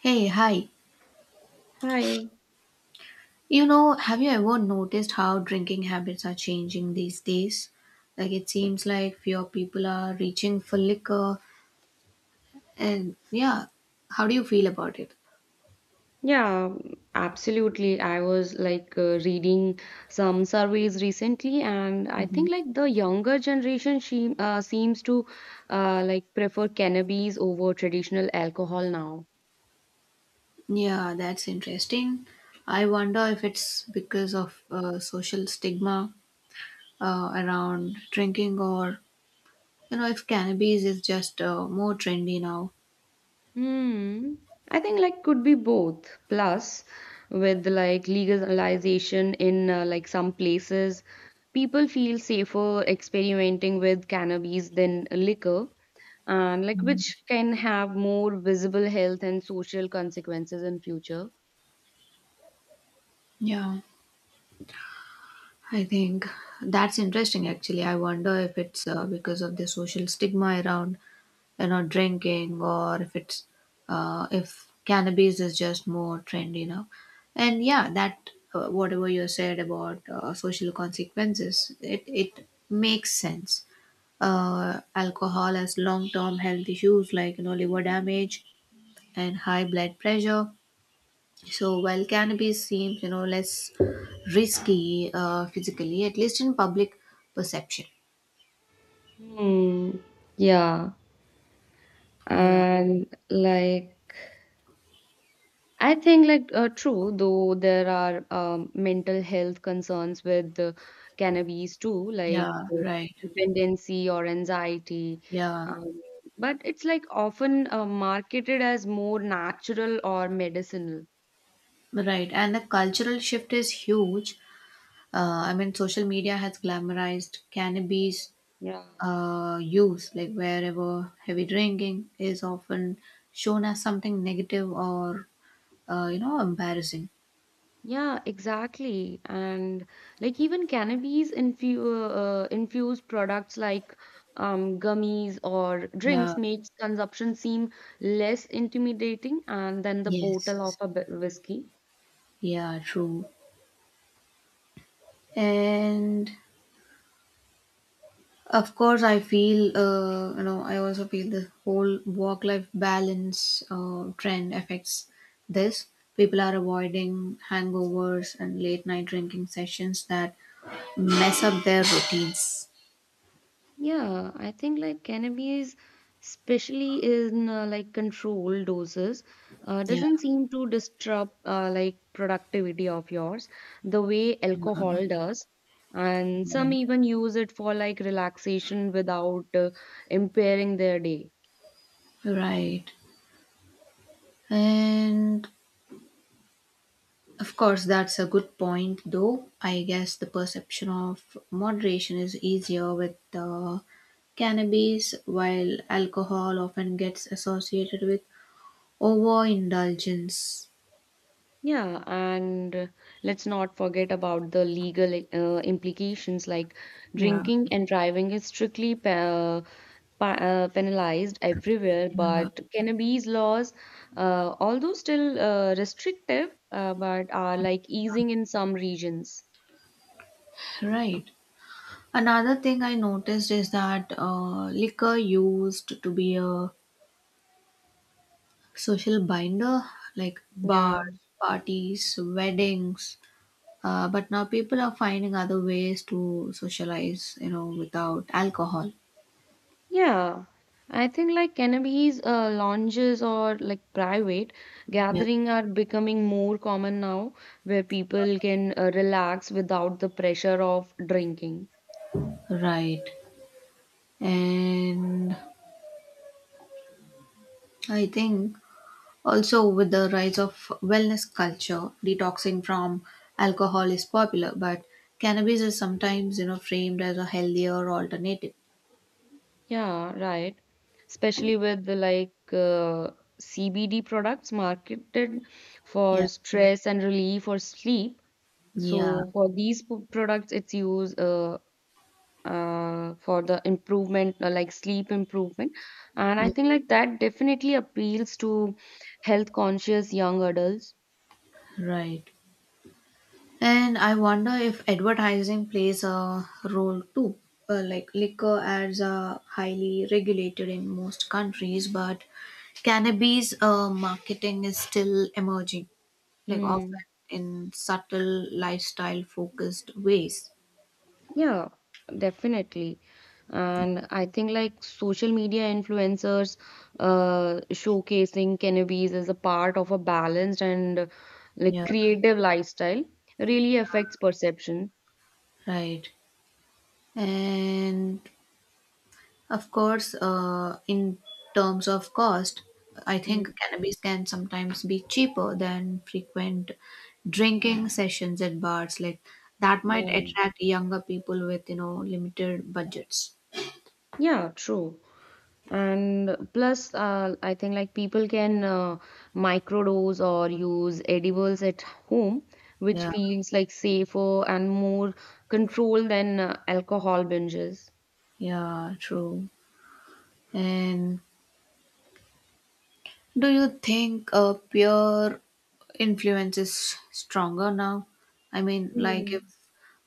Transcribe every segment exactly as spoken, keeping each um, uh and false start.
Hey, hi. Hi. You know, have you ever noticed how drinking habits are changing these days? Like, it seems like fewer people are reaching for liquor. And yeah, how do you feel about it? Yeah, absolutely. I was like uh, reading some surveys recently, and I Mhm. think like the younger generation she uh, seems to uh, like prefer cannabis over traditional alcohol now. Yeah, that's interesting. I wonder if it's because of uh, social stigma uh, around drinking or, you know, if cannabis is just uh, more trendy now. Hmm. I think like could be both. Plus, with like legalization in uh, like some places, people feel safer experimenting with cannabis than liquor. And like which can have more visible health and social consequences in future. Yeah. I think that's interesting actually. I wonder if it's uh, because of the social stigma around, you know, drinking or if it's uh, if cannabis is just more trendy now. And yeah, that uh, whatever you said about uh, social consequences, it it makes sense. Uh, alcohol has long-term health issues like, you know, liver damage and high blood pressure. So while cannabis seems, you know, less risky uh, physically, at least in public perception. Hmm. Yeah. Yeah, And like I think like uh, true though there are um, mental health concerns with the cannabis too like yeah, uh, right. dependency or anxiety Yeah. um, but it's like often uh, marketed as more natural or medicinal. Right, and the cultural shift is huge. Uh, I mean, social media has glamorized cannabis Yeah. uh, use, like wherever heavy drinking is often shown as something negative or, uh, you know, embarrassing. Yeah, exactly. And like even cannabis infu uh, infused products like um, gummies or Yeah. drinks makes consumption seem less intimidating and than the bottle of Yes. a b- whiskey. Yeah, true. And of course, I feel, uh, you know, I also feel the whole work life balance uh, trend affects this. People are avoiding hangovers and late night drinking sessions that mess up their routines. Yeah, I think like cannabis, especially in uh, like controlled doses, uh, Yeah. doesn't seem to disrupt uh, like productivity of yours the way Yeah, alcohol does. And some right. even use it for like relaxation without uh, impairing their day. Right. And of course, that's a good point, though. I guess the perception of moderation is easier with uh, cannabis, while alcohol often gets associated with overindulgence. Yeah, and uh, let's not forget about the legal uh, implications like Yeah, drinking and driving is strictly uh, pa- uh, penalized everywhere, yeah, but cannabis laws, uh, although still uh, restrictive, uh, but are like easing in some regions. right. Another thing I noticed is that uh, liquor used to be a social binder, like bars, Yeah. parties, weddings. Uh, but now people are finding other ways to socialize, you know, without alcohol. Yeah. I think like cannabis uh, lounges or like private Yeah, gathering are becoming more common now, where people can uh, relax without the pressure of drinking. right. And I think also, with the rise of wellness culture, detoxing from alcohol is popular, but cannabis is sometimes, you know, framed as a healthier alternative. Yeah, right. Especially with the like uh, C B D products marketed Yeah. for stress and relief or sleep. Yeah. So for these p- products, it's used uh, uh, for the improvement, uh, like sleep improvement. And I Yeah. think like that definitely appeals to health conscious young adults. Right. And I wonder if advertising plays a role too. Uh, like liquor ads are highly regulated in most countries, but cannabis uh, marketing is still emerging, like often Hmm. in subtle lifestyle focused ways. Yeah, definitely. And I think like social media influencers uh, showcasing cannabis as a part of a balanced and uh, like Yeah. creative lifestyle really affects perception. Right. And of course, uh, in terms of cost, I Mm, think cannabis can sometimes be cheaper than frequent drinking sessions at bars. Like that might Yeah. attract younger people with, you know, limited budgets. Yeah, true. And plus, uh, I think like people can uh, microdose or use edibles at home, which Yeah, feels like safer and more control than uh, alcohol binges. yeah, true. And do you think uh, peer influence is stronger now? I mean, like if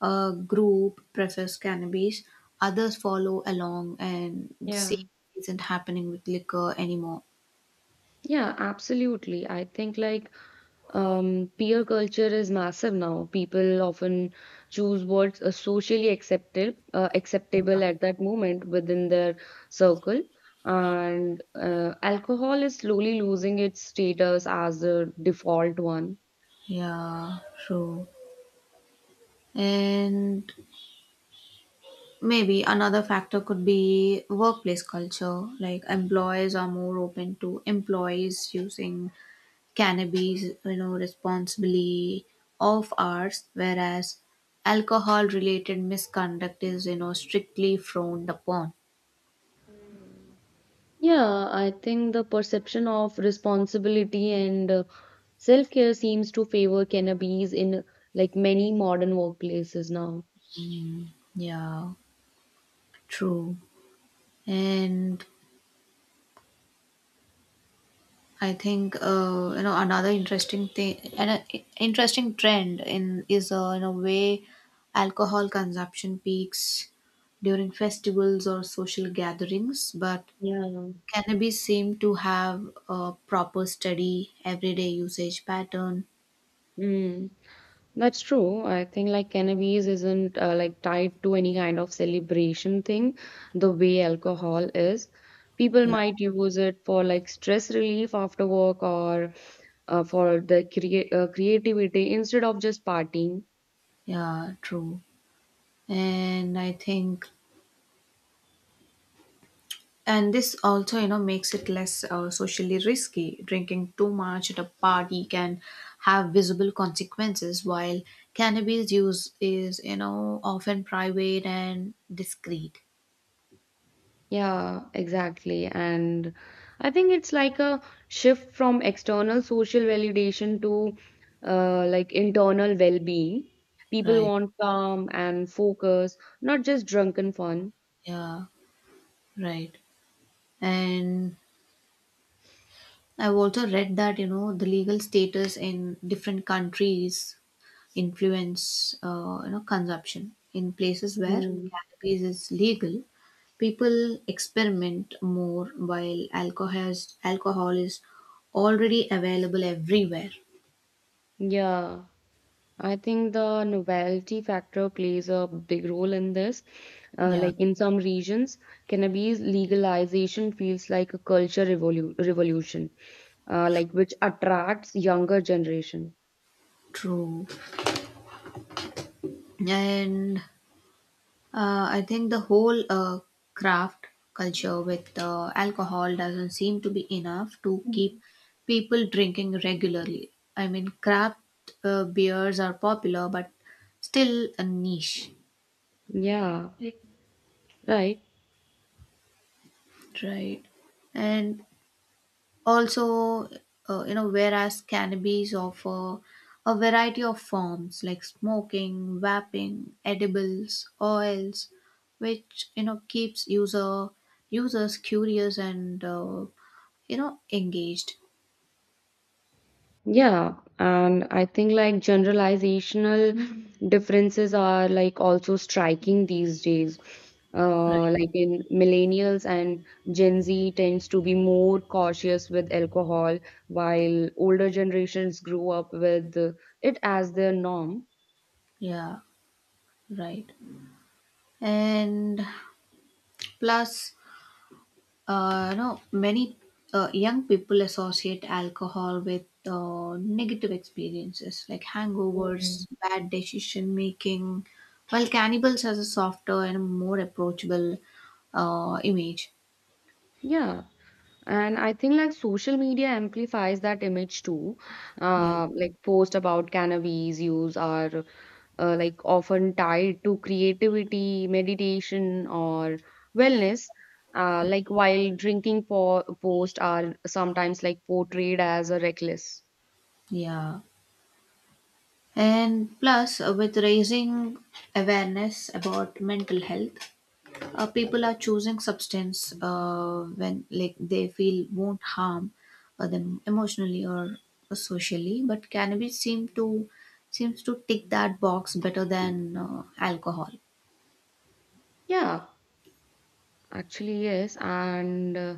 a group prefers cannabis, others follow along, and the Yeah. same isn't happening with liquor anymore. Yeah, absolutely. I think like um, peer culture is massive now. People often choose what's uh, socially acceptable, uh, acceptable at that moment within their circle. And uh, alcohol is slowly losing its status as the default one. Yeah, true. And maybe another factor could be workplace culture. Like employers are more open to employees using cannabis, you know, responsibly of ours, whereas alcohol-related misconduct is, you know, strictly frowned upon. Yeah, I think the perception of responsibility and uh, self-care seems to favor cannabis in like many modern workplaces now. Yeah, true. And I think uh, you know, another interesting thing, an uh, interesting trend in is uh, in a way alcohol consumption peaks during festivals or social gatherings, but Yeah. cannabis seem to have a proper steady everyday usage pattern. Mm. That's true. I think like cannabis isn't uh, like tied to any kind of celebration thing the way alcohol is. People might use it for like stress relief after work or uh, for the crea- uh, creativity instead of just partying. Yeah, true. And I think, and this also, you know, makes it less uh, socially risky. Drinking too much at a party can have visible consequences, while cannabis use is, you know, often private and discreet. Yeah, exactly. And I think it's like a shift from external social validation to uh, like internal well-being. People Right. want calm and focus, not just drunken fun. Yeah, right. And I've also read that, you know, the legal status in different countries influence uh, you know, consumption in places where Mm. cannabis is legal, people experiment more while alcohol is, alcohol is already available everywhere. Yeah, I think the novelty factor plays a big role in this. Uh, yeah, Like in some regions, cannabis legalization feels like a culture revolu revolution, uh, like which attracts younger generation. true. And uh, I think the whole uh, craft culture with uh, alcohol doesn't seem to be enough to keep people drinking regularly. I mean, craft uh, beers are popular but still a niche. Yeah, right. Right. And also, uh, you know, whereas cannabis offer a variety of forms like smoking, vaping, edibles, oils, which, you know, keeps user users curious and, uh, you know, engaged. Yeah, and I think like generalizational differences are like also striking these days. Right. Uh, like in millennials and Gen Z tends to be more cautious with alcohol, while older generations grew up with uh, it as their norm. Yeah. Right. And plus, uh, no, many uh, young people associate alcohol with uh, negative experiences like hangovers, bad decision making, while cannibals has a softer and more approachable uh, image. Yeah, and I think like social media amplifies that image too. Yeah, Uh, like posts about cannabis use are uh, like often tied to creativity, meditation, or wellness. Uh, like while drinking po- post are sometimes like portrayed as a reckless. yeah. And plus, uh, with raising awareness about mental health, uh, people are choosing substance uh, when like they feel won't harm uh, them emotionally or socially, but cannabis seem to seems to tick that box better than uh, alcohol. Yeah, actually yes. And uh,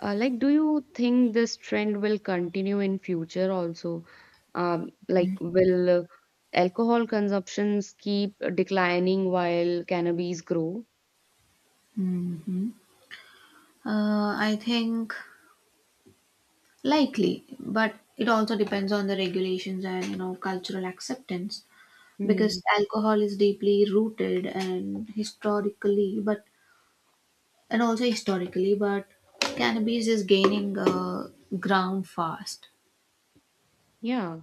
uh, like, do you think this trend will continue in future also? Um, like, will uh, alcohol consumptions keep declining while cannabis grow? Hmm. uh, I think likely, but it also depends on the regulations and, you know, cultural acceptance Hmm. because alcohol is deeply rooted and historically but and also historically, but cannabis is gaining uh, ground fast. Yeah.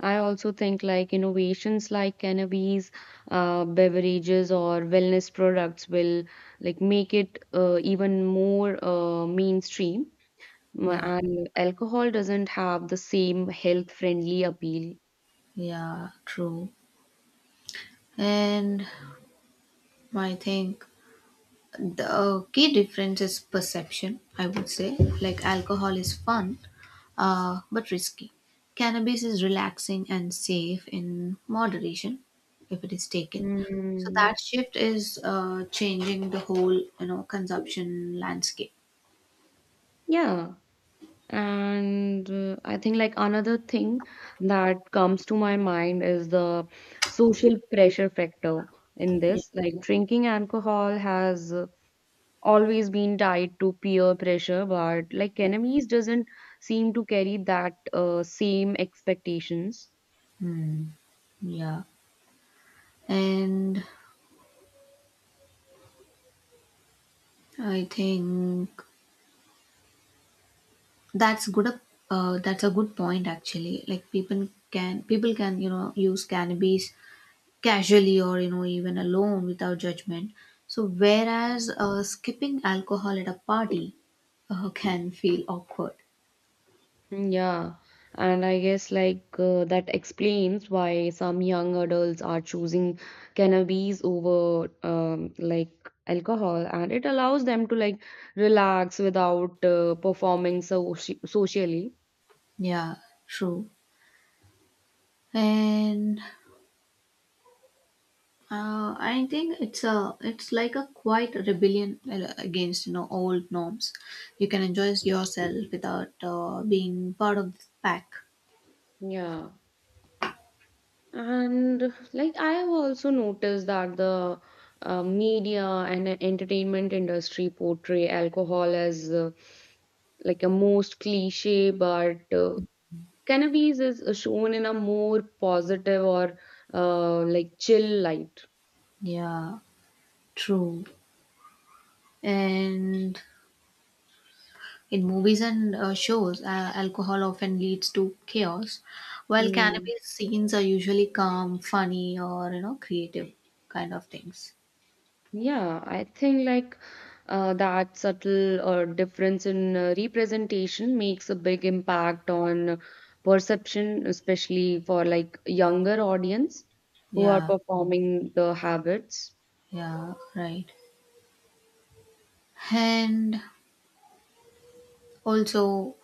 I also think like innovations like cannabis, uh, beverages or wellness products will like make it uh, even more uh, mainstream. Mm, Yeah, And alcohol doesn't have the same health-friendly appeal. yeah, true. And I think the key difference is perception, I would say. Like alcohol is fun, uh, but risky. Cannabis is relaxing and safe in moderation if it is taken. So Mm, that shift is uh, changing the whole, you know, consumption landscape. yeah. And uh, I think like another thing that comes to my mind is the social pressure factor in Yeah. this. Like drinking alcohol has always been tied to peer pressure, but like enemies doesn't seem to carry that uh, same expectations. Hmm. Yeah. And I think that's good. up- Uh, that's a good point actually. Like people can people can, you know, use cannabis casually or, you know, even alone without judgment. So whereas uh, skipping alcohol at a party uh, can feel awkward. Yeah, and I guess like uh, that explains why some young adults are choosing cannabis over um, like alcohol, and it allows them to like relax without uh, performing so socially. Yeah, true. And uh, I think it's a it's like a quiet rebellion uh, against, you know, old norms. You can enjoy yourself without uh, being part of the pack. Yeah. And like I have also noticed that the uh, media and entertainment industry portray alcohol as uh, like a most cliche, but uh, cannabis is uh, shown in a more positive or uh, like chill light. Yeah. True. And in movies and uh, shows, uh, alcohol often leads to chaos, while cannabis scenes are usually calm, funny, or, you know, creative kind of things. Yeah, I think like uh, that subtle uh, difference in uh, representation makes a big impact on perception, especially for like younger audience who are Yeah, performing the habits. yeah, right. And also,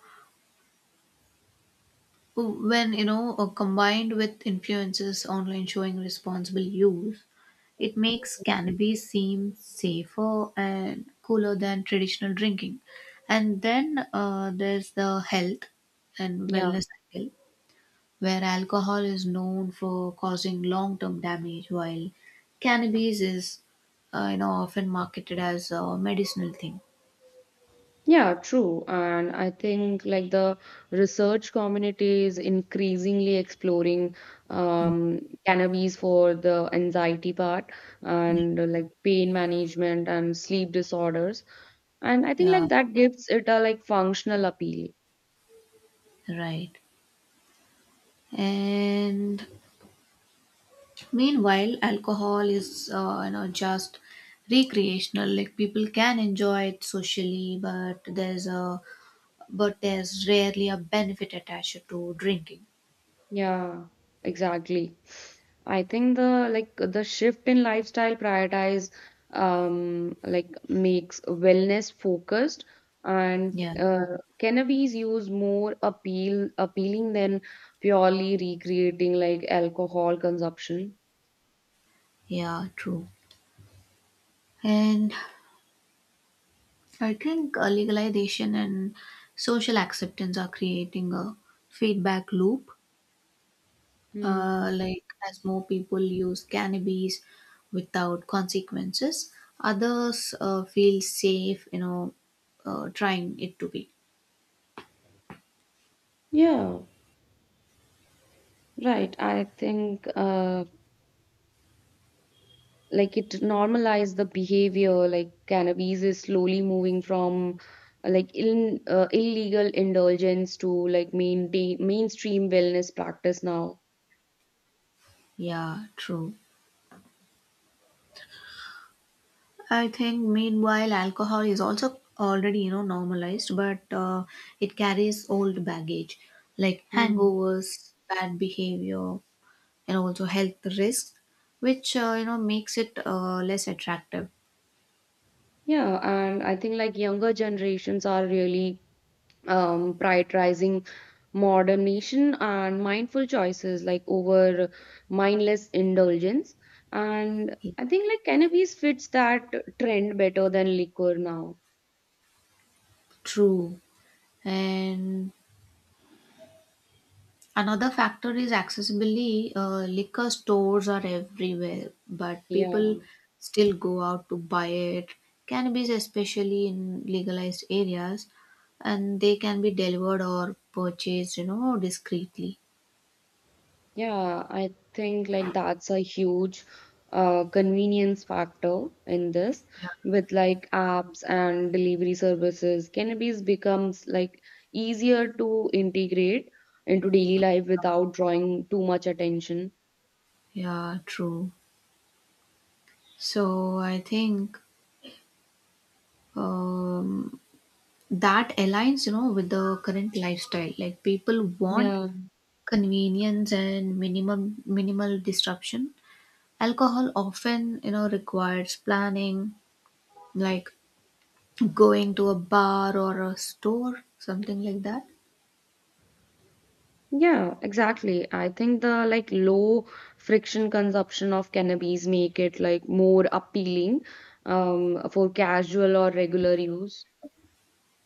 when, you know, uh, combined with influencers online showing responsible use, it makes cannabis seem safer and cooler than traditional drinking. And then uh, there's the health and Yeah, wellness angle where alcohol is known for causing long-term damage while cannabis is uh, you know, often marketed as a medicinal thing. yeah, true. And I think like the research community is increasingly exploring um, cannabis for the anxiety part Mm. and uh, like pain management and sleep disorders. And I think Yeah, like that gives it a like functional appeal. right. And meanwhile, alcohol is uh, you know, just recreational. Like people can enjoy it socially, but there's a but there's rarely a benefit attached to drinking. Yeah, exactly. I think the like the shift in lifestyle prioritize um like makes wellness focused and Yeah, uh, cannabis use more appeal appealing than purely recreating like alcohol consumption. yeah, true. And I think uh, legalization and social acceptance are creating a feedback loop, uh, Hmm. like as more people use cannabis without consequences, others uh, feel safe, you know, uh, trying it to be. Yeah, right. I think uh like it normalized the behavior like cannabis is slowly moving from uh, like in, uh, illegal indulgence to like maintain mainstream wellness practice now. Yeah, true. I think meanwhile, alcohol is also already, you know, normalized, but uh, it carries old baggage like Mm. hangovers, bad behavior, and also health risks, which, uh, you know, makes it uh, less attractive. Yeah, and I think like younger generations are really um prioritizing modernation and mindful choices like over mindless indulgence, and I think like cannabis fits that trend better than liquor now. True. And another factor is accessibility. Uh, liquor stores are everywhere, but people Yeah. still go out to buy it. Cannabis, especially in legalized areas, and they can be delivered or purchased, you know, discreetly. Yeah, I think like that's a huge uh, convenience factor in this Yeah, with like apps and delivery services. Cannabis becomes like easier to integrate into daily life without drawing too much attention. yeah, true. So I think um, that aligns, you know, with the current lifestyle. Like people want Yeah. convenience and minimum minimal disruption. Alcohol often, you know, requires planning, like going to a bar or a store, something like that. Yeah, exactly. I think the like low friction consumption of cannabis make it like more appealing um, for casual or regular use.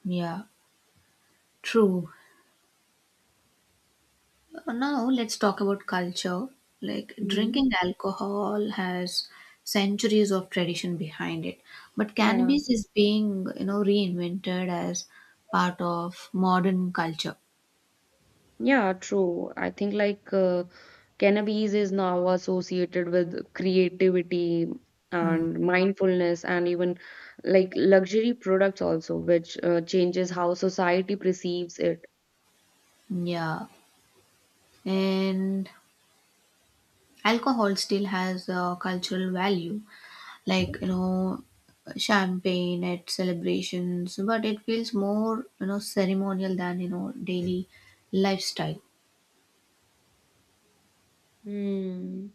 Yeah, true. Uh, Now let's talk about culture. Like drinking Mhm. alcohol has centuries of tradition behind it, but Yeah. cannabis is being, you know, reinvented as part of modern culture. Yeah, true. I think like uh, cannabis is now associated with creativity Mm. and mindfulness and even like luxury products also, which uh, changes how society perceives it. Yeah, and alcohol still has a cultural value. Like, you know, champagne at celebrations, but it feels more, you know, ceremonial than, you know, daily lifestyle. Hmm.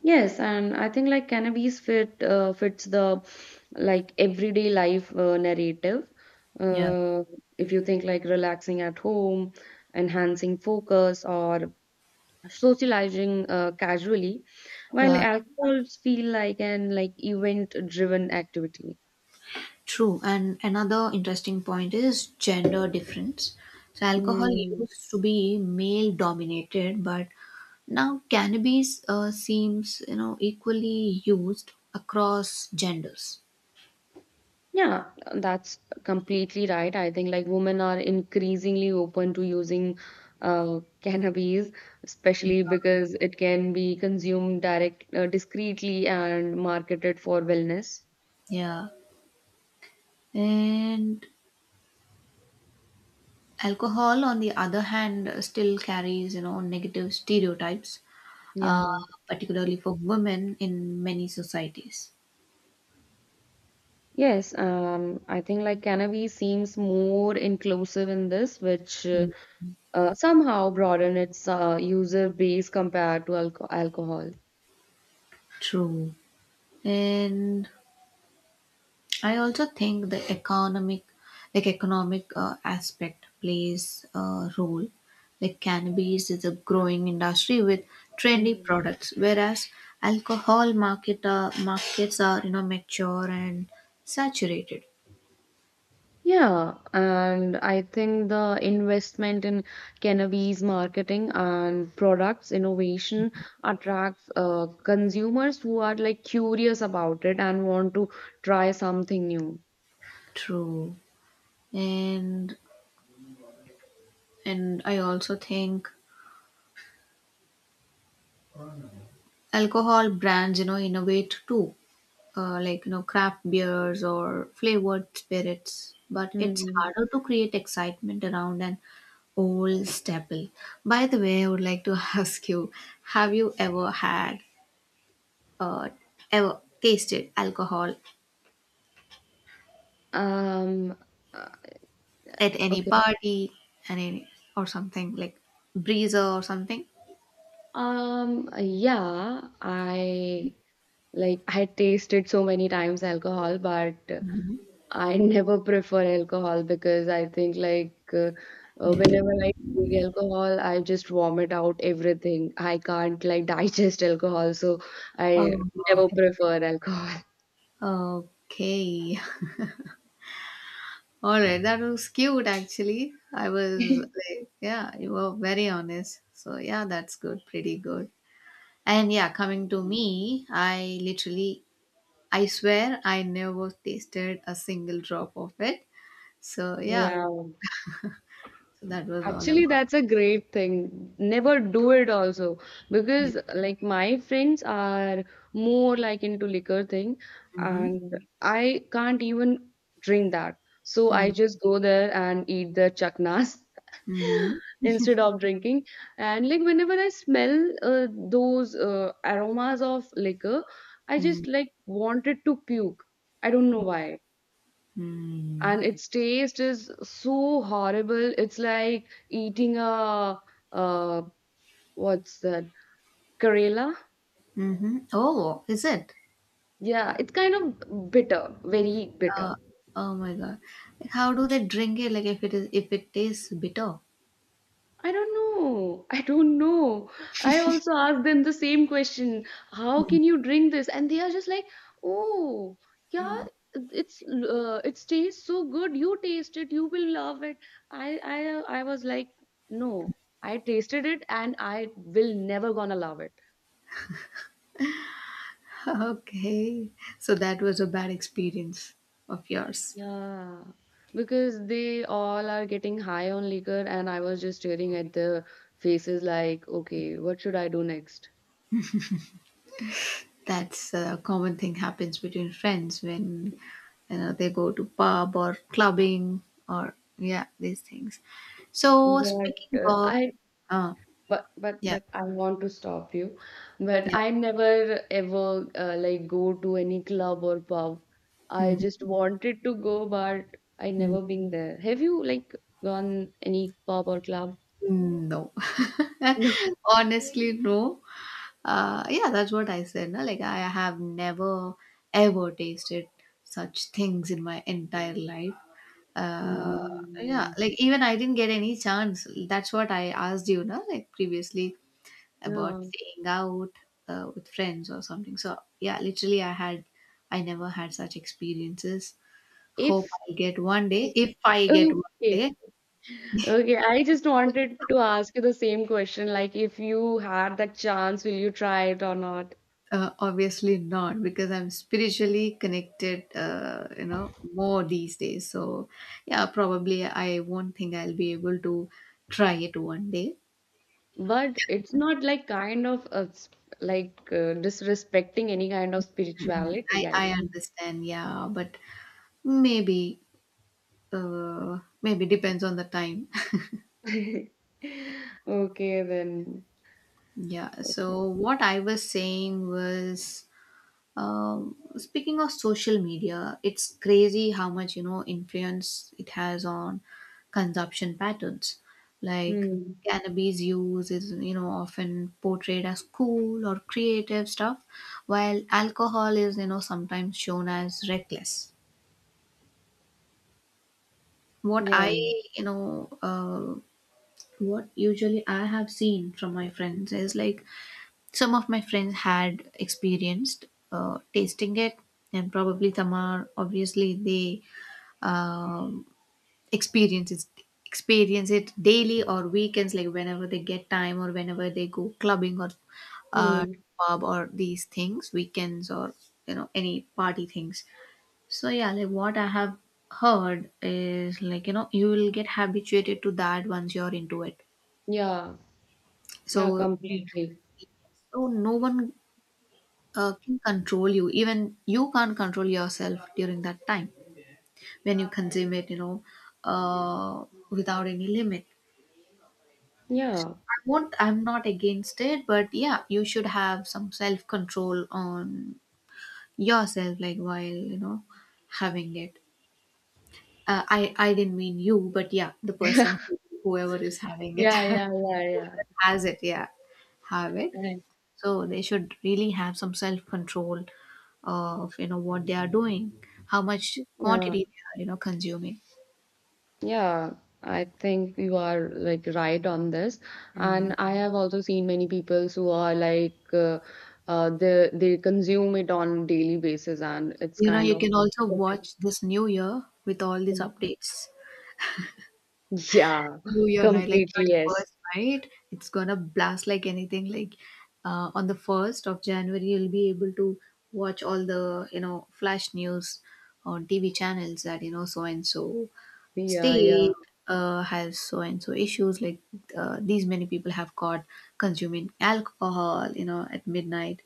Yes, and I think like cannabis fit uh, fits the like everyday life uh, narrative. Yeah, Uh, if you think like relaxing at home, enhancing focus, or socializing uh, casually, while yeah, alcohols feel like an like event-driven activity. true. And another interesting point is gender difference. So alcohol Mm, used to be male dominated, but now cannabis uh, seems, you know, equally used across genders. yeah, that's completely right. I think like women are increasingly open to using uh, cannabis, especially because it can be consumed direct, uh, discreetly and marketed for wellness. Yeah. And alcohol, on the other hand, still carries, you know, negative stereotypes, uh, Yeah. particularly for women in many societies. Yes, um, I think like cannabis seems more inclusive in this, which uh, uh, somehow broaden its uh, user base compared to alco- alcohol. True. And I also think the economic, like economic uh, aspect plays a role. Like cannabis is a growing industry with trendy Mm. products, whereas alcohol market uh, markets are, you know, mature and saturated. Yeah, and I think the investment in cannabis marketing and products innovation attracts uh, consumers who are like curious about it and want to try something new. True. And and I also think alcohol brands, you know, innovate too, uh, like, you know, craft beers or flavored spirits. But it's Mm. harder to create excitement around an old staple. By the way, I would like to ask you: have you ever had, uh, ever tasted alcohol Um, uh, at any okay. party, and any or something like breezer or something? Um, yeah, I like I tasted so many times alcohol, but I never prefer alcohol because I think like uh, uh, whenever I drink alcohol, I just vomit out everything. I can't like digest alcohol, so I Oh, never okay. prefer alcohol. Okay. Alright, that was cute actually. I was like, yeah, you were very honest. So yeah, that's good, pretty good. And yeah, coming to me, I literally, I swear, I never tasted a single drop of it. So yeah, Yeah. so that was all Actually, about. that's a great thing. Never do it also Yeah. because like my friends are more like into liquor thing Mm-hmm. and I can't even drink that. So Mm-hmm. I just go there and eat the chaknas instead of drinking. And like whenever I smell uh, those uh, aromas of liquor, I Mm-hmm. just like wanted to puke. I don't know why, and its taste is so horrible. It's like eating a uh, what's that? Karela? Mm-hmm. Oh, is it? Yeah, it's kind of bitter, very bitter. Uh, oh my God! How do they drink it? Like if it is, if it tastes bitter. I don't know. I don't know. I also asked them the same question. How can you drink this? And they are just like, oh, yeah, it's uh, it tastes so good. You taste it, you will love it. I I I was like, no, I tasted it, and I will never gonna love it. Okay, so that was a bad experience of yours. Yeah, because they all are getting high on liquor, and I was just staring at their faces like, okay, what should I do next? That's a common thing happens between friends when, you know, they go to pub or clubbing or yeah these things. So But speaking uh, of, I, uh, but but yeah, but I want to stop you. But yeah, I never ever uh, like go to any club or pub. I mhm, just wanted to go, but I mhm. never been there. Have you like gone any pub or club? No, No. honestly no. Uh, yeah, that's what I said. No? Like I have never ever tasted such things in my entire life. Uh, yeah, Mm, like even I didn't get any chance. That's what I asked you, no, like previously about yeah. staying out uh, with friends or something. So yeah, literally, I had, I never had such experiences. Hope If I get one day. If I get one okay. day, Okay, I just wanted to ask you the same question, like if you had that chance, will you try it or not? uh, obviously not because I'm spiritually connected, uh, you know, more these days. So yeah, probably I won't think I'll be able to try it one day. But it's not like kind of a, s- like uh, disrespecting any kind of Mm, I, spirituality, I I think. understand, yeah, but Maybe, uh, maybe depends on the time. Okay, then. Yeah. So what I was saying was, um, speaking of social media, it's crazy how much you know influence it has on consumption patterns. Like Hmm. cannabis use is you know often portrayed as cool or creative stuff, while alcohol is you know sometimes shown as reckless. What I Yeah. you know uh, what usually I have seen from my friends is like some of my friends had experienced, uh, tasting it, and probably some are obviously they, um, experience it experience it daily or weekends, like whenever they get time or whenever they go clubbing or uh, Hmm. pub or these things, weekends or you know any party things. So yeah, like what I have heard is like you know you will get habituated to that once you're into it, Yeah. Yeah, so completely. oh, no one uh, can control you. Even you can't control yourself during that time when you consume it, you know, uh, without any limit. Yeah. I won't, I'm not against it, but yeah, you should have some self control on yourself, like while, you know, having it. Uh, I, I didn't mean you, but yeah, the person, who, whoever is having it, Yeah, whoever yeah, yeah, yeah. has it, yeah, have it. Right. So they should really have some self control of you know what they are doing, how much Yeah. quantity they are you know consuming. Yeah, I think you are like right on this. And And I have also seen many people who are like uh, uh, they they consume it on daily basis, and it's you know kind you of can also watch this new year with all these updates. yeah, New year night, like completely thirty yes. first night, it's gonna blast like anything. Like uh, on the first of January, you'll be able to watch all the you know flash news on T V channels that you know so and so Yeah, yeah, state uh, has so and so issues, like uh, these many people have caught consuming alcohol you know at midnight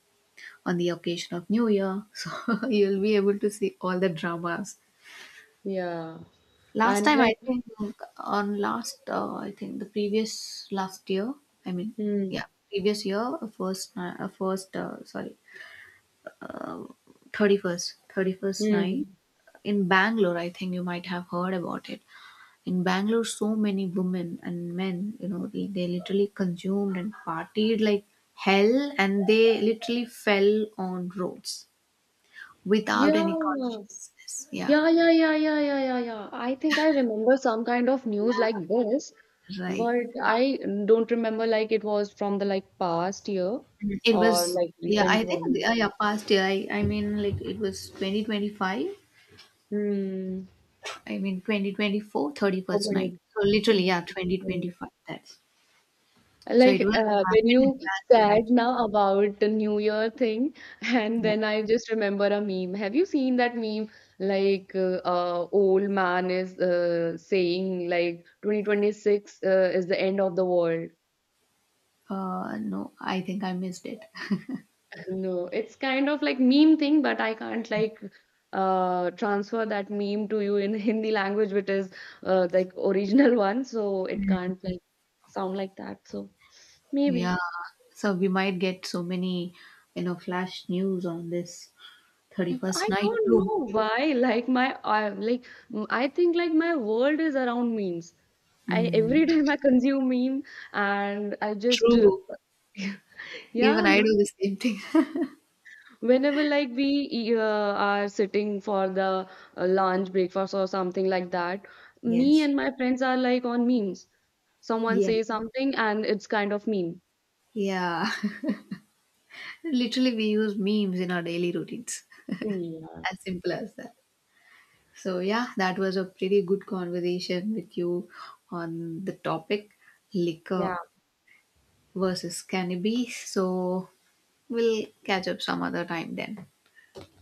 on the occasion of new year. So you'll be able to see all the dramas. yeah. Last And time, I like, think, on last, uh, I think the previous last year, I mean, hmm, yeah, previous year, uh, first ni- uh, first, uh, sorry, thirty first thirty first night hmm. in Bangalore. I think you might have heard about it. In Bangalore, so many women and men, you know, they, they literally consumed and partied like hell, and they literally fell on roads without Yeah, any consciousness. Yeah, yeah, yeah, yeah, yeah, yeah, yeah, yeah. I think I remember some kind of news like this. right. But I don't remember like it was from the like past year It or was, like yeah, recent I think, one. uh, yeah, past year, I, I mean, like it was twenty twenty five, Hmm. I mean, twenty twenty four thirty So first night. many. So literally, yeah, Mhm. twenty twenty five, that's. So it Like was uh, happened when in you Bangalore, said actually. now about the New Year thing, and Yeah. then I just remember a meme. Have you seen that meme? Like uh, uh, old man is uh, saying like twenty twenty-six uh, is the end of the world. Uh, no, I think I missed it. No, it's kind of like meme thing, but I can't like uh transfer that meme to you in Hindi language, which is uh like original one, so it can't like sound like that. So Yeah, maybe so we might get so many, you know, flash news on this thirty first I night don't too. know why. Like my I like m- I think like my world is around memes. I Mm, every time I consume meme and I just true. Even yeah, I no. do the same thing. Whenever like we e- uh, are sitting for the uh, lunch, breakfast or something like that, me Yes. and my friends are like on memes. Someone says Yes. something and it's kind of meme. Yeah. Literally, we use memes in our daily routines. Yeah. As simple as that. So, yeah, that was a pretty good conversation with you on the topic liquor Yeah. versus cannabis. So, we'll catch up some other time then.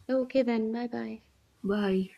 Okay, then. Bye bye. Bye.